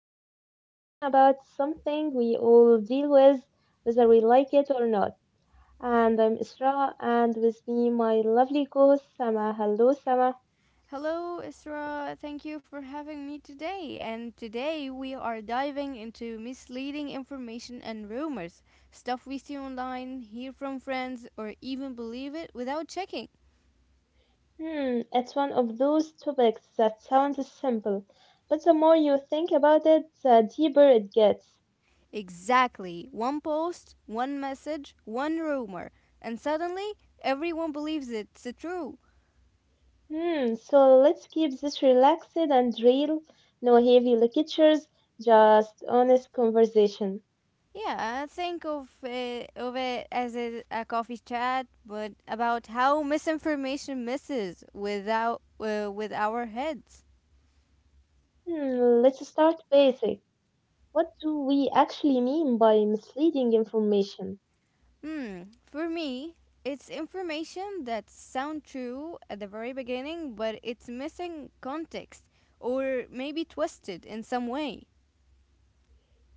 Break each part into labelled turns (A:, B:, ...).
A: Today we are talking about something we all deal with, whether we like it or not. And I'm Isra, and with me my lovely co-host Sama. Hello Sama.
B: Hello, Isra. Thank you for having me today. And today we are diving into misleading information and rumors, stuff we see online, hear from friends, or even believe it without checking.
A: It's one of those topics that sounds simple, but the more you think about it, the deeper it gets.
B: Exactly. One post, one message, one rumor, and suddenly everyone believes it's true.
A: So let's keep this relaxed and real, no heavy lectures, just honest conversation.
B: Yeah, think of it as a coffee chat, but about how misinformation messes without with our heads.
A: Let's start basic. What do we actually mean by misleading information?
B: Hmm. For me, it's information that sound true at the very beginning, but it's missing context or maybe twisted in some way.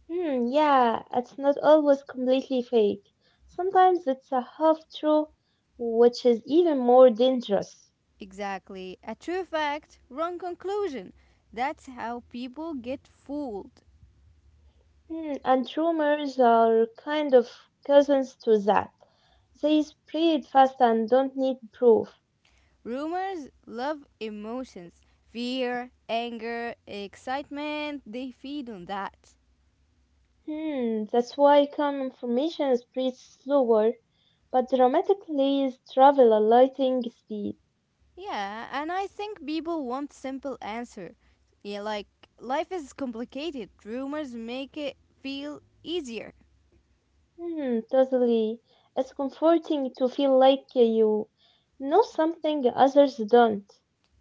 A: Yeah, it's not always completely fake. Sometimes it's a half truth, which is even more dangerous.
B: Exactly. A true fact, wrong conclusion. That's how people get fooled.
A: And rumors are kind of cousins to that. They spread fast and don't need proof.
B: Rumors love emotions. Fear, anger, excitement, they feed on that.
A: That's why common information spreads slower, but dramatically travel a lightning speed.
B: Yeah, and I think people want simple answer. Yeah, like life is complicated. Rumors make it feel easier.
A: Totally. It's comforting to feel like you know something others don't.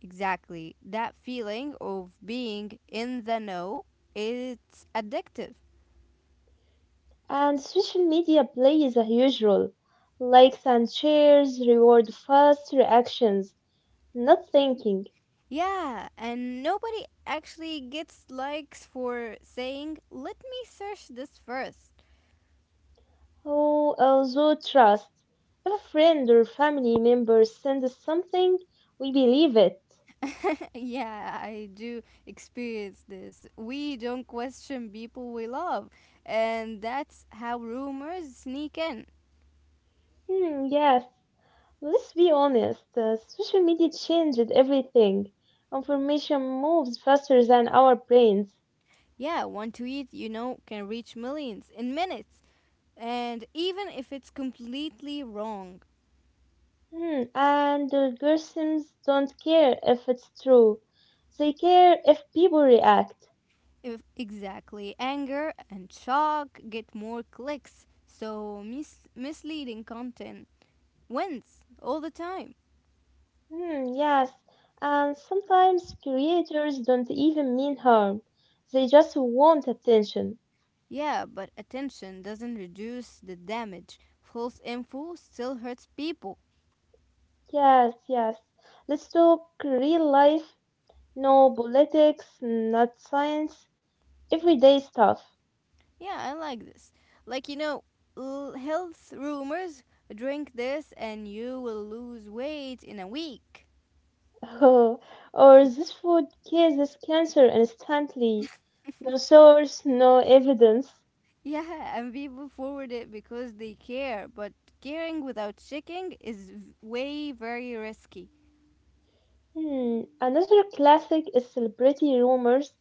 B: Exactly. That feeling of being in the know, it's addictive.
A: And social media plays a huge role. Likes and shares reward fast reactions, not thinking.
B: Yeah, and nobody actually gets likes for saying, "Let me search this first."
A: Oh, also trust. If a friend or family member sends something, we believe it.
B: Yeah, I do experience this. We don't question people we love, and that's how rumors sneak in.
A: Hmm, yes. Let's be honest. Social media changed everything. Information moves faster than our brains.
B: Yeah, one tweet, you know, can reach millions in minutes. And even if it's completely wrong,
A: And the algorithms don't care if it's true. They care if people react.
B: if exactly anger and shock get more clicks, so misleading content wins all the time.
A: Hmm, yes. And sometimes creators don't even mean harm. They just want attention.
B: Yeah, but attention doesn't reduce the damage. False info still hurts people.
A: Yes, yes. Let's talk real life, no politics, not science, everyday stuff.
B: Yeah, I like this. Like, you know, health rumors drink this and you will lose weight in a week.
A: Oh, or this food cures this cancer instantly. No source, no evidence.
B: Yeah, and people forward it because they care, but caring without checking is way very risky.
A: Another classic is celebrity rumors.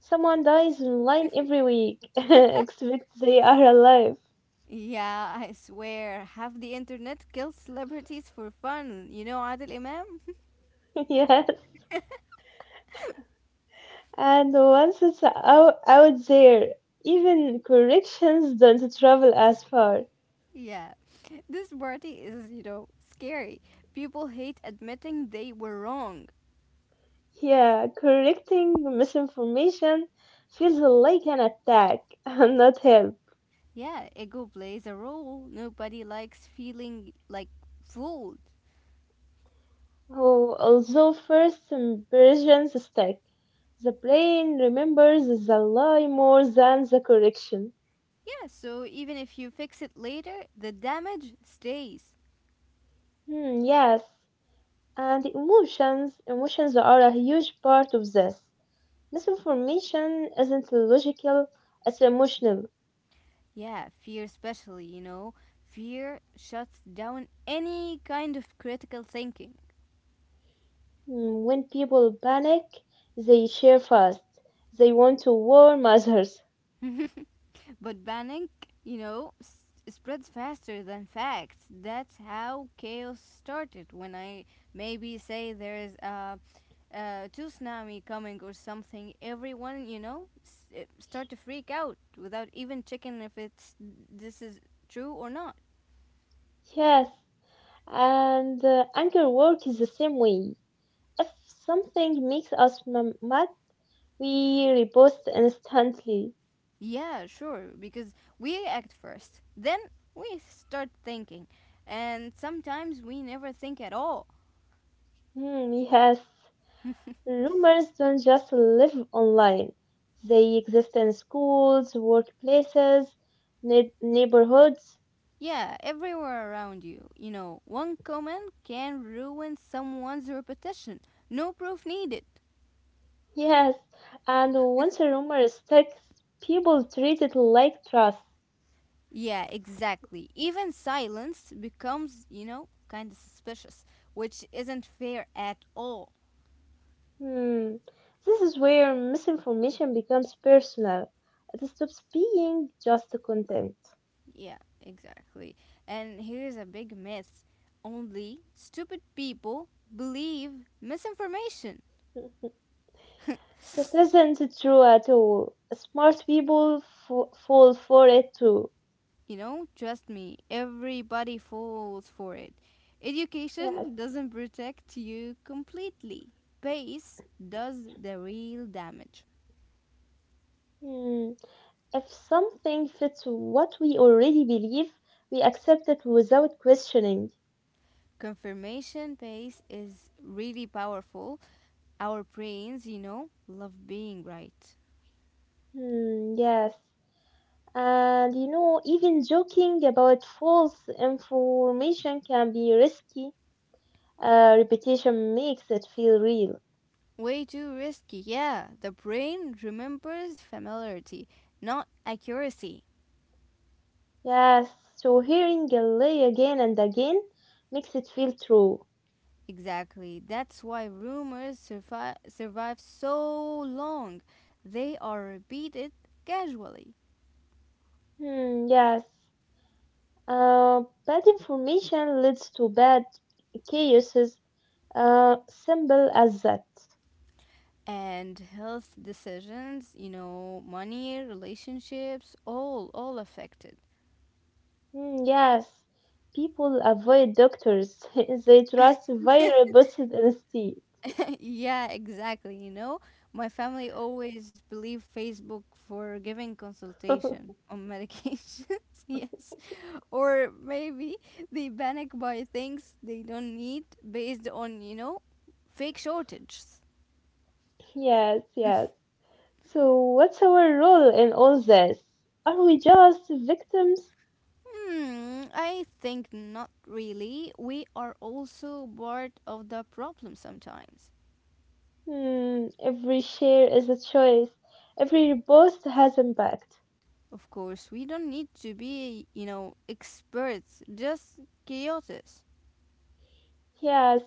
A: Someone dies online every week, except they are alive.
B: Yeah, I swear, half the internet kills celebrities for fun. You know Adil Imam?
A: Yes. And once it's out there, even corrections don't travel as far.
B: Yeah. This party is, you know, scary. People hate admitting they were wrong.
A: Yeah, correcting misinformation feels like an attack, and not help.
B: Yeah, ego plays a role. Nobody likes feeling like fooled.
A: Oh, although first impressions stick, the brain remembers the lie more than the correction.
B: Yeah, so even if you fix it later, the damage stays.
A: Hmm, yes. And emotions are a huge part of this. Misinformation isn't logical, it's emotional.
B: Yeah, fear, especially, you know, fear shuts down any kind of critical thinking.
A: When people panic, they share fast. They want to warn others.
B: But panic, you know, spreads faster than facts. That's how chaos started. When I maybe say there is a tsunami coming or something, everyone, you know, start to freak out without even checking if it's this is true or not.
A: Yes, and anger work is the same way. If something makes us mad, we repost instantly.
B: Yeah, sure, because we act first, then we start thinking, and sometimes we never think at all.
A: Hmm, yes. Rumors don't just live online. They exist in schools, workplaces, neighborhoods.
B: Yeah, everywhere around you. You know, one comment can ruin someone's reputation. No proof needed.
A: Yes, and once a rumor sticks, people treat it like trust.
B: Yeah, exactly. Even silence becomes, you know, kind of suspicious, which isn't fair at all.
A: Hmm. This is where misinformation becomes personal. It stops being just content.
B: Yeah, exactly. And here's a big myth only stupid people believe misinformation.
A: That isn't true at all. Smart people fall for it too.
B: You know, trust me, everybody falls for it.
A: Yes.
B: Education doesn't protect you completely, base does the real damage.
A: Hmm. If something fits what we already believe, we accept it without questioning.
B: Confirmation base is really powerful. Our brains, you know, love being right.
A: Hmm, yes. And even joking about false information can be risky. Repetition makes it feel real.
B: Way too risky. Yeah, the brain remembers familiarity, not accuracy.
A: Yes, so hearing a lie again and again makes it feel true.
B: Exactly. That's why rumors survive so long. They are repeated casually.
A: Hmm, yes. Bad information leads to bad chaoses, simple as that.
B: And health decisions, you know, money, relationships, all affected.
A: Yes, people avoid doctors. They trust virus instead.
B: Yeah, exactly, you know. My family always believed Facebook for giving consultation on medications. Yes. Or maybe they panic buy things they don't need based on you know fake shortages.
A: Yes, yes. So, what's our role in all this? Are we just victims?
B: Hmm, I think not really. We are also part of the problem sometimes.
A: Every share is a choice. Every post has impact.
B: Of course we don't need to be you know experts, just chaotic.
A: Yes,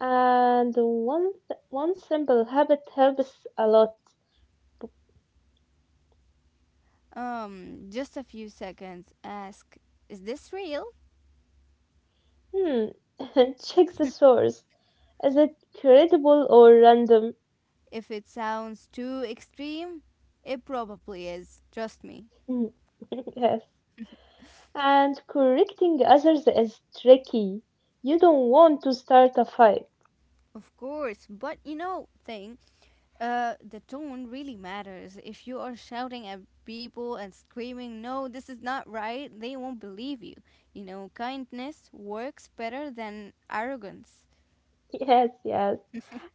A: and one simple habit helps a lot.
B: Um, just a few seconds ask, is this real?
A: Hmm, Check the source. Is it credible or random?
B: If it sounds too extreme, it probably is, trust me.
A: Hmm, yes. And correcting others is tricky. You don't want to start a fight.
B: Of course, but you know, things. The tone really matters. If you are shouting at people and screaming, no, this is not right, they won't believe you. You know, kindness works better than arrogance.
A: Yes, yes.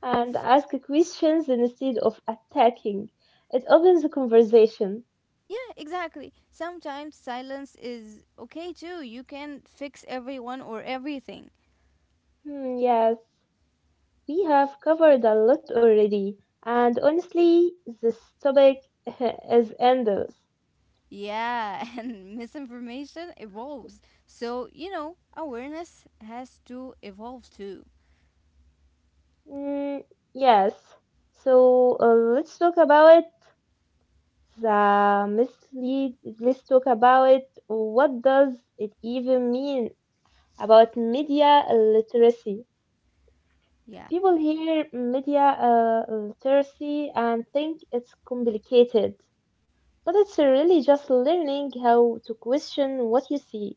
A: And ask questions instead of attacking. It opens the conversation.
B: Yeah, exactly. Sometimes silence is okay too. You can fix everyone or everything.
A: Yes, we have covered a lot already. And honestly, this topic is endless.
B: Yeah, and misinformation evolves. So, you know, awareness has to evolve too.
A: Mm, yes. So let's talk about the mislead. Let's talk about what does it even mean about media literacy.
B: Yeah.
A: People hear media literacy and think it's complicated, but it's really just learning how to question what you see.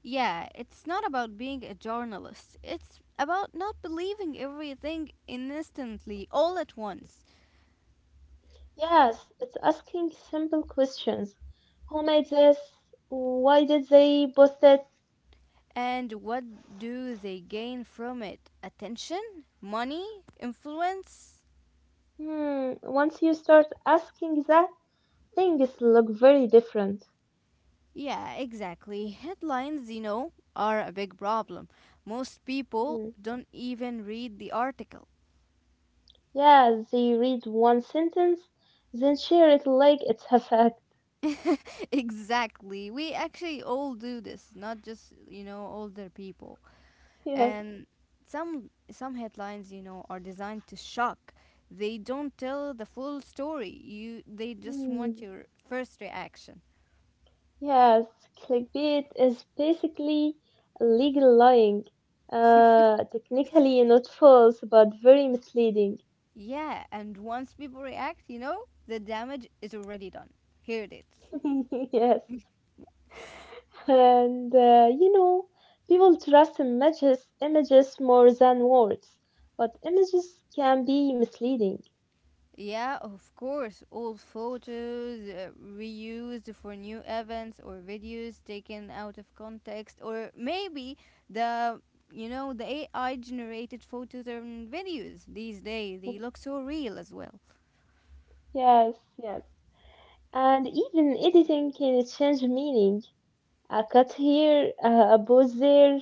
B: Yeah, it's not about being a journalist. It's about not believing everything instantly, all at once.
A: Yes, it's asking simple questions. Who made this? Why did they post it?
B: And what do they gain from it? Attention? Money? Influence?
A: Once you start asking that, things look very different.
B: Yeah, exactly. Headlines, you know, are a big problem. Most people
A: Hmm.
B: don't even read the article.
A: Yeah, they read one sentence, then share it like it's a fact.
B: Exactly. We actually all do this, not just, you know, older people.
A: Yes.
B: And some headlines, you know, are designed to shock. They don't tell the full story. You they just
A: Hmm.
B: want your first reaction.
A: Yes, clickbait is basically legal lying. Technically not false, but very misleading.
B: Yeah, and once people react, you know, the damage is already done. Here it is.
A: Yes, and people trust images more than words, but images can be misleading.
B: Yeah, of course, old photos reused for new events or videos taken out of context, or maybe the you know the AI generated photos and videos these days they look so real as well.
A: Yes, yes. And even editing can change meaning. A cut here, a pause there.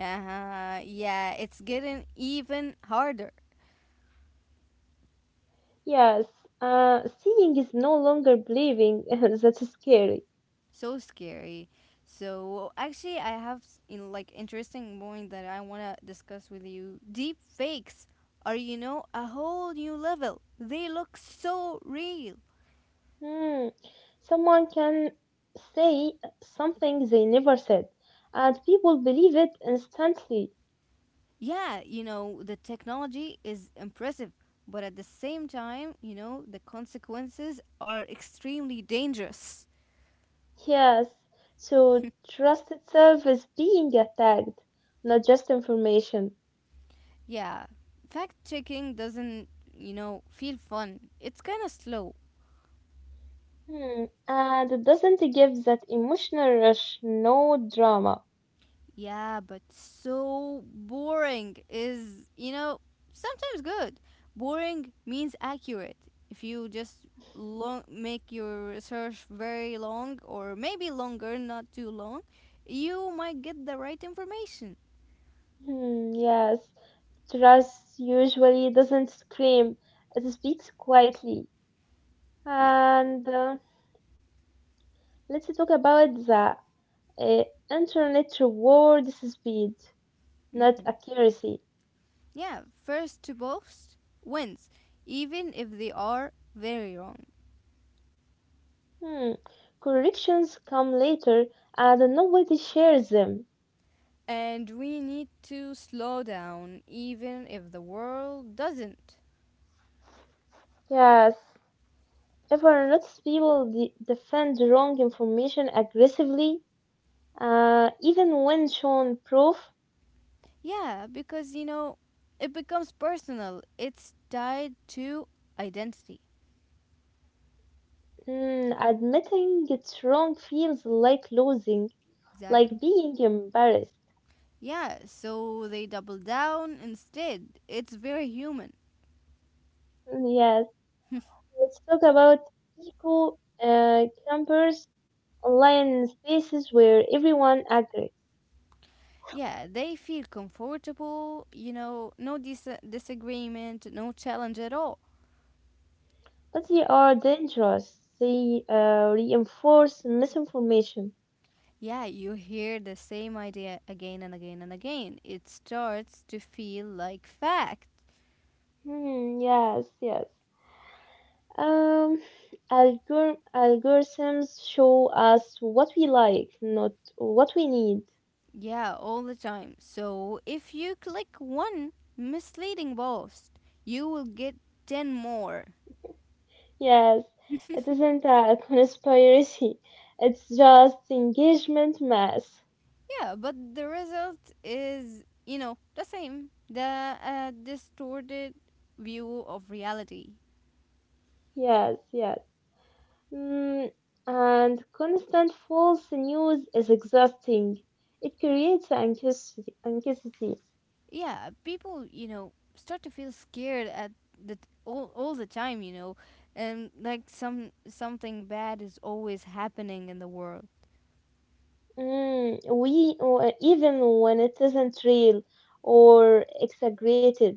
B: Uh-huh. Yeah, it's getting even harder.
A: Yes, seeing is no longer believing. That's scary.
B: So scary. So actually, I have in, like interesting point that I wanna discuss with you. Deep fakes are you know a whole new level. They look so real.
A: Hmm. Someone can say something they never said, and people believe it instantly.
B: Yeah, you know the technology is impressive, but at the same time, you know the consequences are extremely dangerous.
A: Yes, so trust itself is being attacked, not just information.
B: Yeah, fact checking doesn't you know feel fun. It's kind of slow.
A: Hmm. And it doesn't give that emotional rush, no drama.
B: Yeah, but so boring is, you know, sometimes good. Boring means accurate. If you just long make your research very long or maybe longer, not too long, you might get the right information.
A: Hmm. Yes, trust usually doesn't scream, it speaks quietly.
B: Yeah.
A: And let's talk about the Uh, internet rewards speed, not
B: Hmm.
A: accuracy.
B: Yeah, first to post wins, even if they are very wrong.
A: Hmm. Corrections come later and nobody shares them.
B: And we need to slow down even if the world doesn't.
A: Yes. If I notice people defend wrong information aggressively, even when shown proof,
B: Yeah, because you know, it becomes personal. It's tied to identity.
A: admitting it's wrong feels like losing, like
B: Exactly.
A: being embarrassed.
B: Yeah, so they double down instead. It's very human.
A: Yes, let's talk about eco campers, online spaces where everyone agrees.
B: Yeah, they feel comfortable, you know, no disagreement, no challenge at all.
A: But they are dangerous. They reinforce misinformation.
B: Yeah, you hear the same idea again and again and again. It starts to feel like fact.
A: Hmm, yes, yes. Um, Algorithms show us what we like, not what we need.
B: Yeah, all the time. So if you click one misleading post, you will get 10 more.
A: Yes, it isn't a conspiracy. It's just engagement mass.
B: Yeah, but the result is, you know, the same the distorted view of reality.
A: Yes, yes. Mm, and constant false news is exhausting. It creates anxiety.
B: Yeah, people, you know, start to feel scared at the all the time, you know, and like some something bad is always happening in the world.
A: We or even when it isn't real or exaggerated.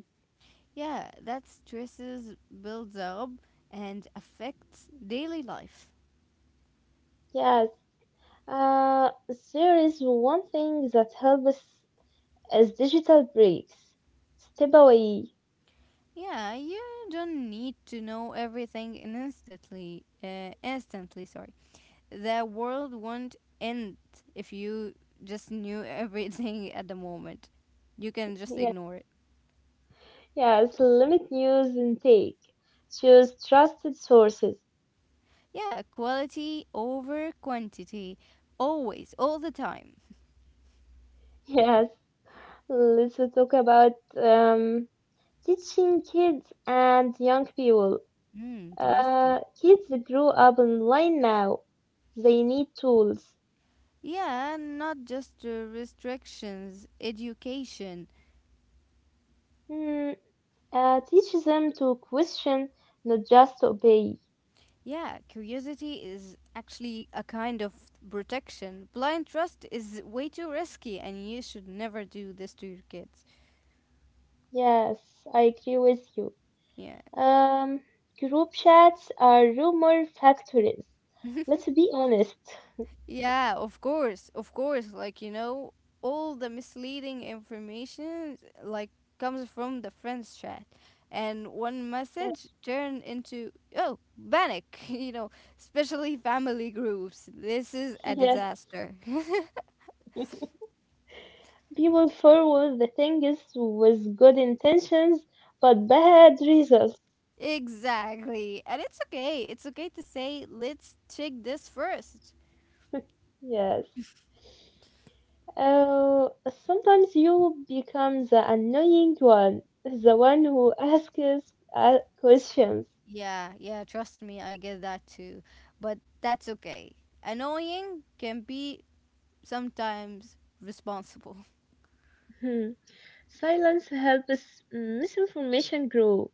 B: Yeah, that stresses builds up and affects daily life.
A: Yes. Uh, there is one thing that helps as digital breaks. Step away.
B: Yeah, you don't need to know everything in instantly. Instantly, sorry. The world won't end if you just knew everything at the moment. You can just
A: Yeah.
B: ignore it.
A: Yes. Limit news intake. Choose trusted sources.
B: Yeah, quality over quantity. Always, all the time.
A: Yes. Let's talk about teaching kids and young people.
B: Hmm, interesting.
A: Kids grow up online now. They need tools.
B: Yeah, not just restrictions, education.
A: Hmm, Teach them to question, not just to obey.
B: Yeah, curiosity is actually a kind of protection. Blind trust is way too risky, and you should never do this to your kids.
A: Yes, I agree with you.
B: Yeah,
A: Um, Group chats are rumor factories. Let's be honest.
B: yeah, of course, of course. Like, you know, all the misleading information, like, comes from the friends chat. And one message turn into, oh, panic, you know, especially family groups. This is a
A: Yeah.
B: disaster.
A: Yes. People forward the things with good intentions but bad results.
B: Exactly. And it's okay. It's okay to say, let's check this first.
A: Yes. Uh, Sometimes you become the annoying one, the one who asks questions.
B: Yeah, yeah, trust me, I get that too. But that's okay. Annoying can be sometimes responsible.
A: Silence helps misinformation grow,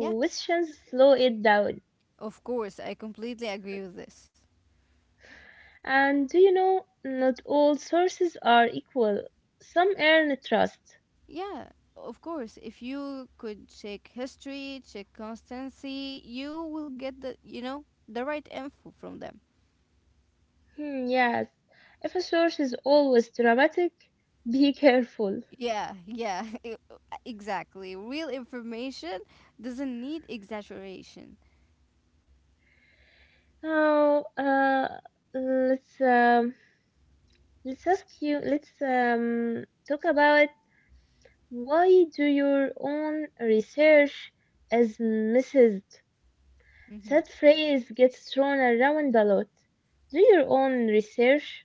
B: Yeah,
A: slow it down.
B: of course, I completely agree with this.
A: And do you know, not all sources are equal. Some earn trust.
B: Yeah, of course, if you could check history, check constancy, you will get the, you know, the right info from them.
A: Yes, if a source is always dramatic, be careful.
B: Yeah, yeah, exactly. Real information doesn't need exaggeration.
A: Now, let's um, let's ask you. Let's talk about why do your own research is missed.
B: Hmm.
A: That phrase gets thrown around a lot. Do your own research?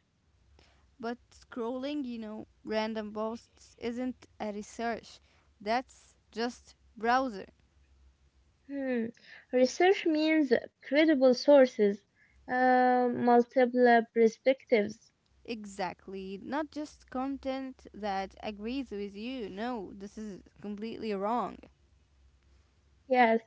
B: But scrolling, you know, random posts isn't a research. That's just browser.
A: Hmm. Research means credible sources, multiple perspectives.
B: Exactly. Not just content that agrees with you. No, this is completely wrong.
A: Yes.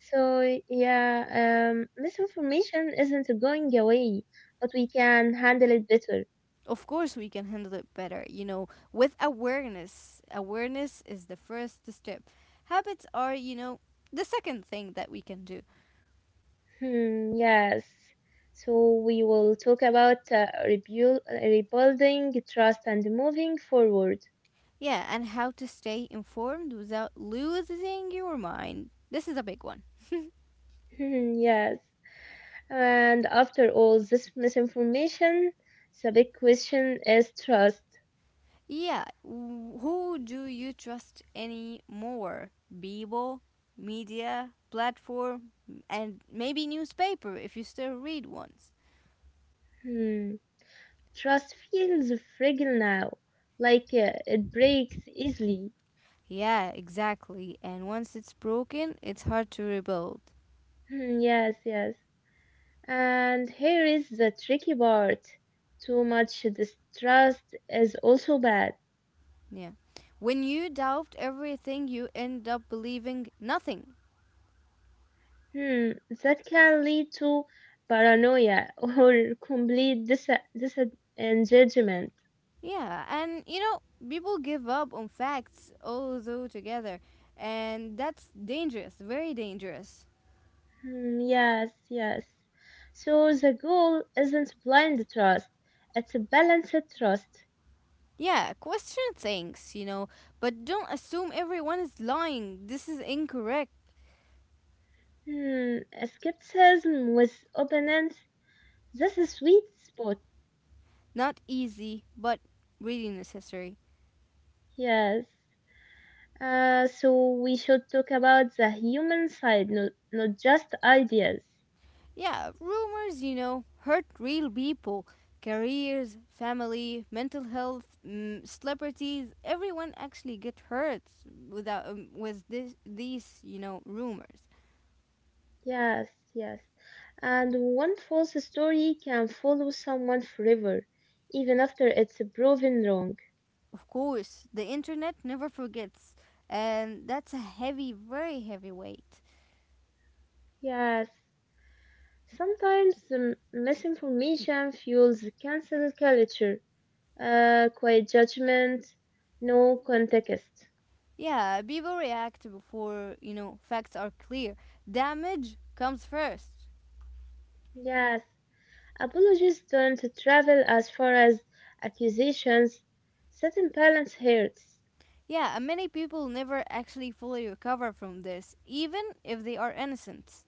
A: So, yeah, misinformation isn't going away, but we can handle it better.
B: Of course, we can handle it better, you know, with awareness. Awareness is the first step. Habits are, you know, the second thing that we can do.
A: Hmm, yes. So, we will talk about rebuilding trust and moving forward.
B: Yeah, and how to stay informed without losing your mind. This is a big one.
A: Yes. And after all this misinformation, the big question is trust.
B: Yeah, who do you trust anymore? People, media, platform, and maybe newspaper if you still read ones.
A: Hmm. Trust feels fragile now, like it breaks easily.
B: Yeah, exactly. And once it's broken, it's hard to rebuild.
A: Hmm, yes, yes. And here is the tricky part. Too much distrust is also bad.
B: Yeah. When you doubt everything, you end up believing nothing.
A: Hmm, that can lead to paranoia or complete disengagement.
B: Yeah, and you know, people give up on facts all though together, and that's dangerous, very dangerous.
A: Mm, yes, yes. So the goal isn't blind trust, it's a balanced trust.
B: Yeah, question things, you know, but don't assume everyone is lying. This is incorrect.
A: Hmm, Skepticism with openness. That's a sweet spot.
B: Not easy, but really necessary.
A: Yes. So we should talk about the human side, not just ideas.
B: Yeah, rumors, you know, hurt real people. Careers, family, mental health, mm, celebrities, everyone actually get hurt without with this these, you know, rumors.
A: Yes, yes. And one false story can follow someone forever, even after it's proven wrong.
B: Of course, the internet never forgets, and that's a heavy, very heavy weight.
A: Yes. Sometimes misinformation fuels cancel culture, quiet judgment, no context.
B: Yeah, people react before, you know, facts are clear. Damage comes first.
A: Yes, apologies don't travel as far as accusations. Certain balance hurts.
B: Yeah, and many people never actually fully recover from this, even if they are innocent.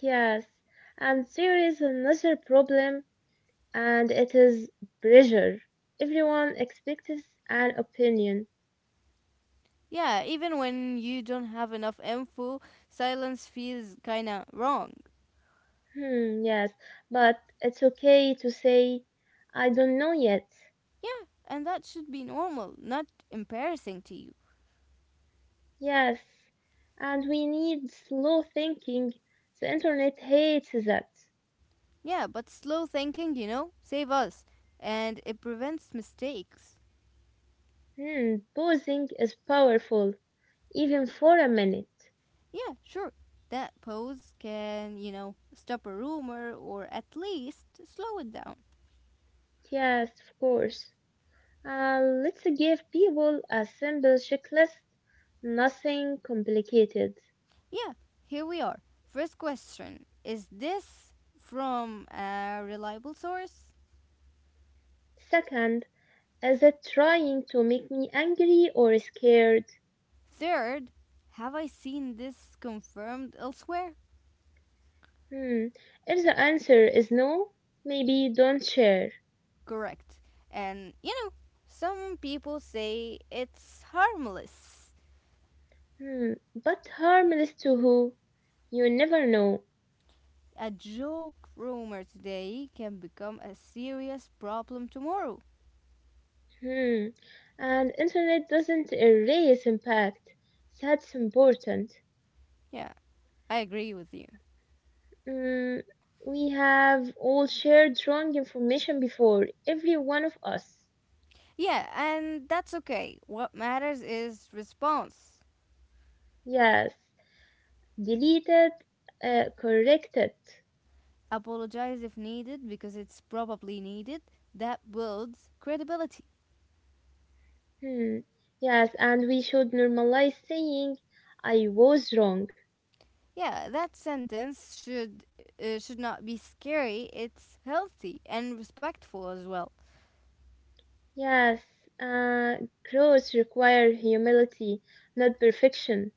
A: Yes, and there is another problem, and it is pressure. Everyone expects an opinion.
B: Yeah, even when you don't have enough info, silence feels kinda wrong.
A: Yes, but it's okay to say, I don't know yet.
B: Yeah, and that should be normal, not embarrassing to you.
A: Yes, and we need slow thinking. The internet hates that.
B: Yeah, but slow thinking, you know, save us and it prevents mistakes.
A: Pausing is powerful, even for a minute.
B: Yeah, sure. That pose can, you know, stop a rumor or at least slow it down.
A: Yes, of course. Let's give people a simple checklist, nothing complicated.
B: Yeah, here we are. First question, is this from a reliable source?
A: Second, is it trying to make me angry or scared?
B: Third, have I seen this confirmed elsewhere?
A: Hmm, if the answer is no, maybe don't share.
B: Correct. And, you know, some people say it's harmless.
A: But harmless to who? You never know.
B: A joke rumor today can become a serious problem tomorrow.
A: Hmm. And internet doesn't erase impact. That's important.
B: Yeah, I agree with you.
A: Mm, we have all shared wrong information before, every one of us.
B: Yeah, and that's okay. What matters is response.
A: Yes. Deleted, corrected.
B: Apologize if needed because it's probably needed. That builds credibility.
A: Hmm. Yes, and we should normalize saying, I was wrong.
B: Yeah, that sentence should not be scary. It's healthy and respectful as well.
A: Yes. Uh, Growth require humility, not perfection.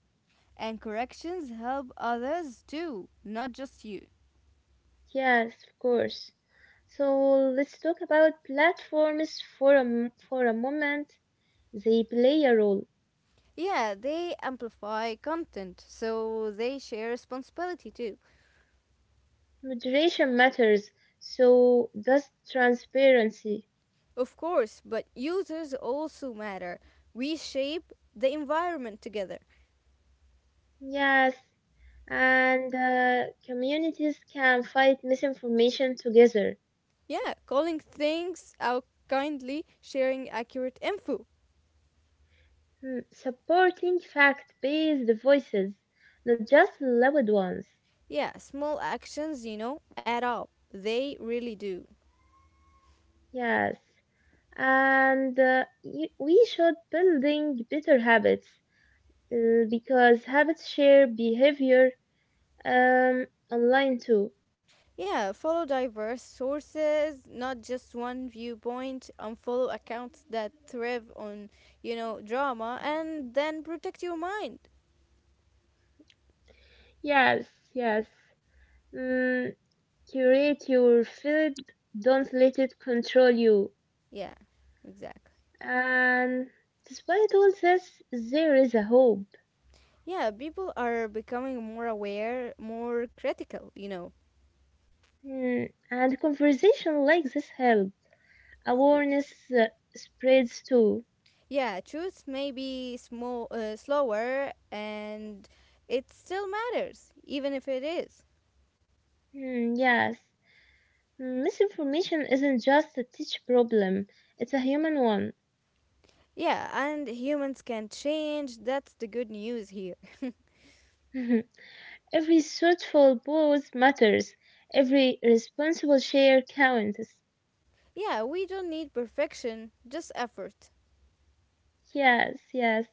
B: And corrections help others too, not just you.
A: Yes, of course. So let's talk about platforms for a moment. They play a role.
B: Yeah, they amplify content, so they share responsibility too.
A: Moderation matters, so does transparency.
B: Of course, but users also matter. We shape the environment together.
A: Yes, and communities can fight misinformation together,
B: Yeah, calling things out kindly, sharing accurate info.
A: Supporting fact-based voices, not just loud ones.
B: Yeah, small actions, you know, add up. They really do.
A: Yes, and we should building better habits because habits share behavior online too.
B: Yeah, follow diverse sources, not just one viewpoint. Unfollow accounts that thrive on, you know, drama, and then protect your mind.
A: Yes, yes. Mm, Curate your feed, don't let it control you.
B: Yeah, exactly.
A: And despite all this, there is a hope.
B: Yeah, people are becoming more aware, more critical, you know,
A: Hmm, and conversation like this help.
B: of course.
A: Awareness spreads too.
B: Yeah, truth may be small, slower, and it still matters, even if it is.
A: Hmm, yes. Misinformation isn't just a teach problem, it's a human one.
B: Yeah, and humans can change. That's the good news here.
A: Every thoughtful pause matters. Every responsible share counts.
B: Yeah, we don't need perfection, just effort.
A: Yes, yes.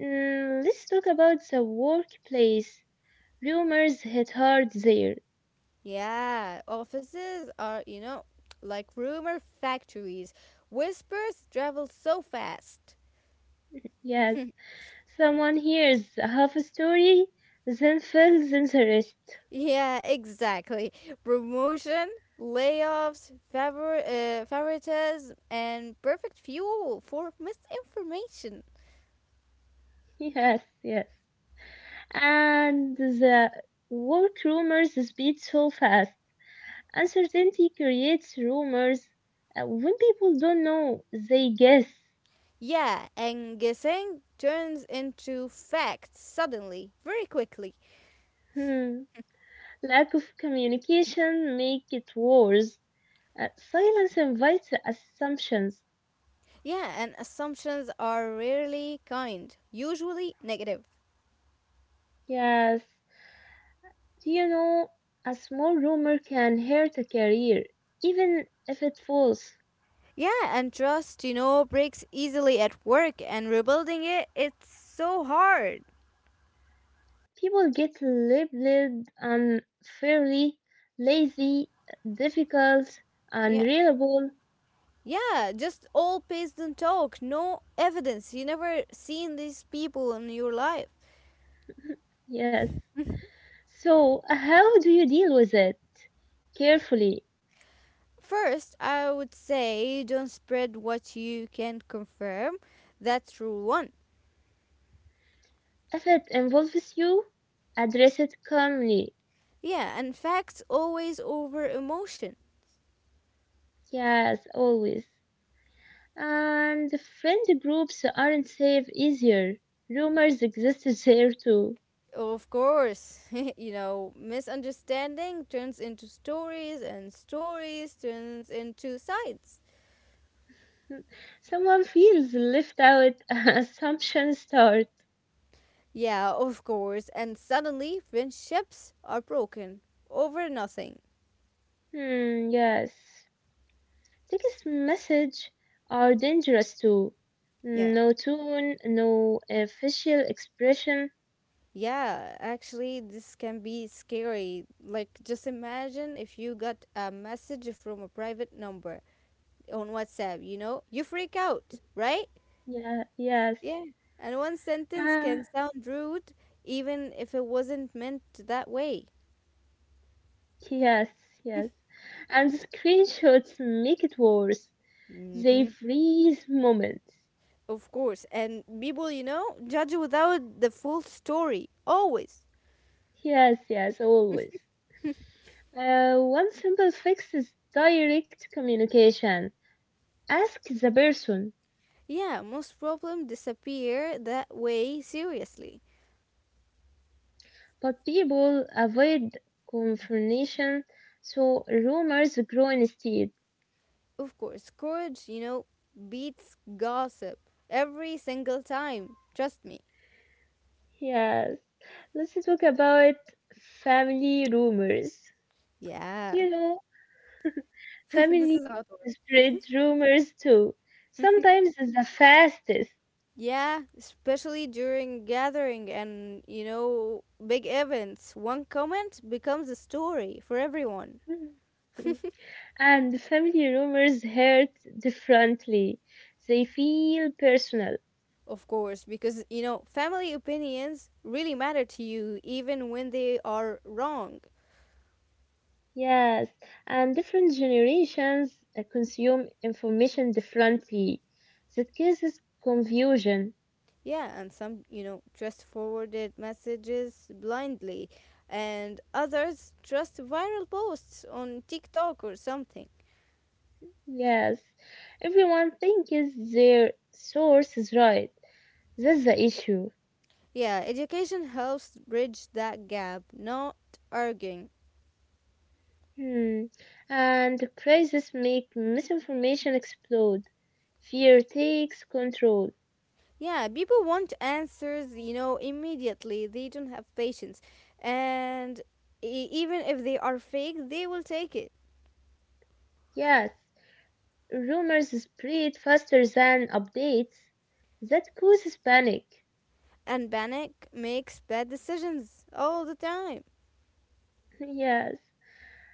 A: Let's talk about the workplace. Rumors hit hard there.
B: Yeah, offices are, you know, like rumor factories. Whispers travel so fast.
A: Yes, someone hears half a story, then feels interest.
B: Yeah, exactly. Promotion, layoffs, favoritism, and perfect fuel for misinformation.
A: Yes, yes. And the work rumors speed so fast. Uncertainty creates rumors. When people don't know, they guess.
B: Yeah, and guessing turns into facts suddenly, very quickly.
A: Hmm. Lack of communication make it worse. Silence invites assumptions.
B: Yeah, and assumptions are rarely kind, usually negative.
A: Yes, do you know a small rumor can hurt a career, even if it's false.
B: Yeah, and trust, you know, breaks easily at work, and rebuilding it, it's so hard.
A: People get labeled unfairly, lazy, difficult,
B: Yeah.
A: unreliable.
B: Yeah, just all based on talk, no evidence. You never seen these people in your life.
A: Yes. So, how do you deal with it? Carefully.
B: First, I would say don't spread what you can confirm. That's rule one.
A: If it involves you, address it calmly.
B: Yeah, and facts always over emotion.
A: Yes, always. And friend groups aren't safe easier. Rumors existed there too.
B: Of course, you know, misunderstanding turns into stories, and stories turns into sides.
A: Someone feels left out, assumptions start.
B: Yeah, of course, and suddenly friendships are broken over nothing.
A: Hmm, yes. Text message are dangerous too.
B: Yeah.
A: No tone, no facial expression.
B: Yeah, actually, this can be scary. Like, just imagine if you got a message from a private number on WhatsApp, you know? You freak out, right?
A: Yeah, yes.
B: Yeah. And one sentence can
A: Ah,
B: sound rude, even if it wasn't meant that way.
A: yes, yes. And screenshots make it worse. They
B: Hmm.
A: freeze moments.
B: Of course. And people, you know, judge without the full story, always.
A: Yes, yes, always. One simple fix is direct communication. Ask the person,
B: Yeah, most problems disappear that way, seriously.
A: but people avoid confrontation, so rumors grow instead.
B: Of course, courage, you know, beats gossip every single time. Trust me.
A: Yes, let's talk about family rumors. Do
B: Yeah,
A: you know
B: this is a
A: family
B: hot one.
A: spread rumors too? Sometimes it's the fastest.
B: Yeah, especially during gathering and, you know, big events. One comment becomes a story for everyone.
A: And family rumors hurt differently. They feel personal.
B: Of course, because, you know, family opinions really matter to you even when they are wrong.
A: Yes, and different generations consume information differently. That causes confusion.
B: Yeah, and some, you know, just forwarded messages blindly, and others just viral posts on TikTok or something.
A: Yes, everyone thinks their source is right. That's the issue.
B: Yeah, education helps bridge that gap, not arguing.
A: Hmm. And crises make misinformation explode. Fear takes control.
B: Yeah, people want answers, you know, immediately. They don't have patience. And even if they are fake, they will take it.
A: Yes, rumors spread faster than updates. That causes panic.
B: And panic makes bad decisions all the time.
A: Yes.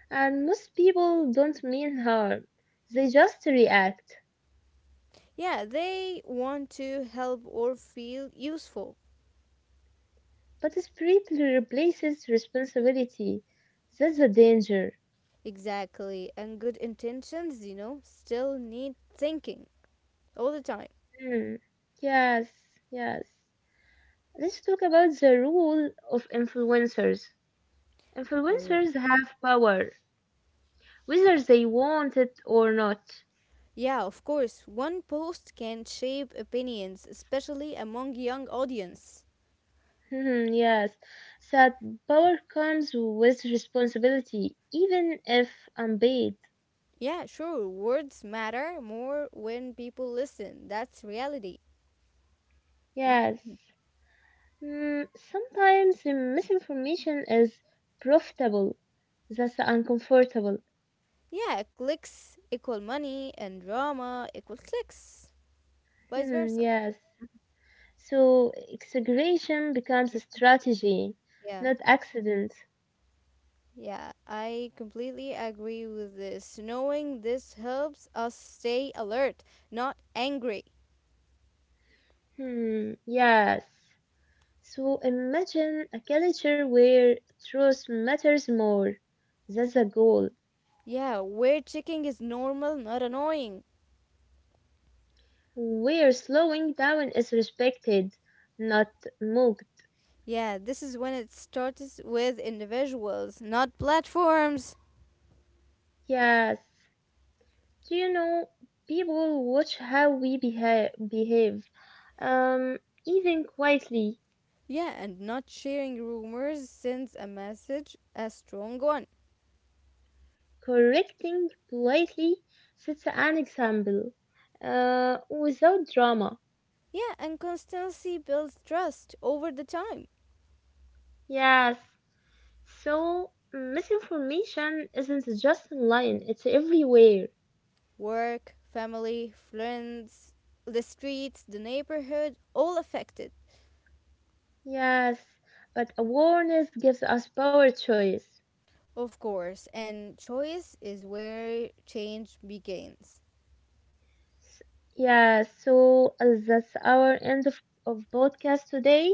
A: And most people don't mean harm, they just react.
B: Yeah, they want to help or feel useful.
A: But spirit replaces responsibility. That's the danger.
B: Exactly. And good intentions, you know, still need thinking all the time.
A: Hmm. Yes, yes. Let's talk about the role of influencers.
B: You.
A: Influencers have power, whether they want it or not.
B: Yeah, of course. One post can shape opinions, especially among young audience.
A: Yes, that power comes with responsibility, even if unpaid.
B: Yeah, sure. Words matter more when people listen. That's reality. Hmm?
A: Yes. Sometimes misinformation is profitable. That's uncomfortable.
B: Yeah, clicks equal money and drama equal clicks. Vice
A: Hmm,
B: versa.
A: yes. So exaggeration becomes a strategy,
B: Yeah.
A: not accident.
B: Yeah, I completely agree with this. Knowing this helps us stay alert, not angry.
A: Hmm, yes. So imagine a culture where truth matters more. That's the goal.
B: Yeah, weight checking is normal, not annoying.
A: Where slowing down is respected, not mocked.
B: Yeah, this is when it starts with individuals, not platforms.
A: Yes. Do you know, people watch how we behave, um, even quietly.
B: Yeah, and not sharing rumors sends a message, a strong one.
A: Correcting politely sets an example, without drama.
B: Yeah, and constancy builds trust over the time.
A: Yes. So misinformation isn't just online; it's everywhere.
B: Work, family, friends, the streets, the neighborhood, all affected,
A: Yes, but awareness gives us power choice.
B: of course. And choice is where change begins.
A: S- Yeah. So that's our end of podcast today.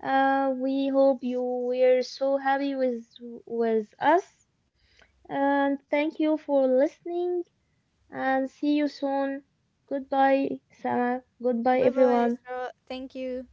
A: We hope you were so happy with us, and thank you for listening. And see you soon. Goodbye, Sama. Goodbye,
B: Bye bye,
A: everyone.
B: Isra. Thank you.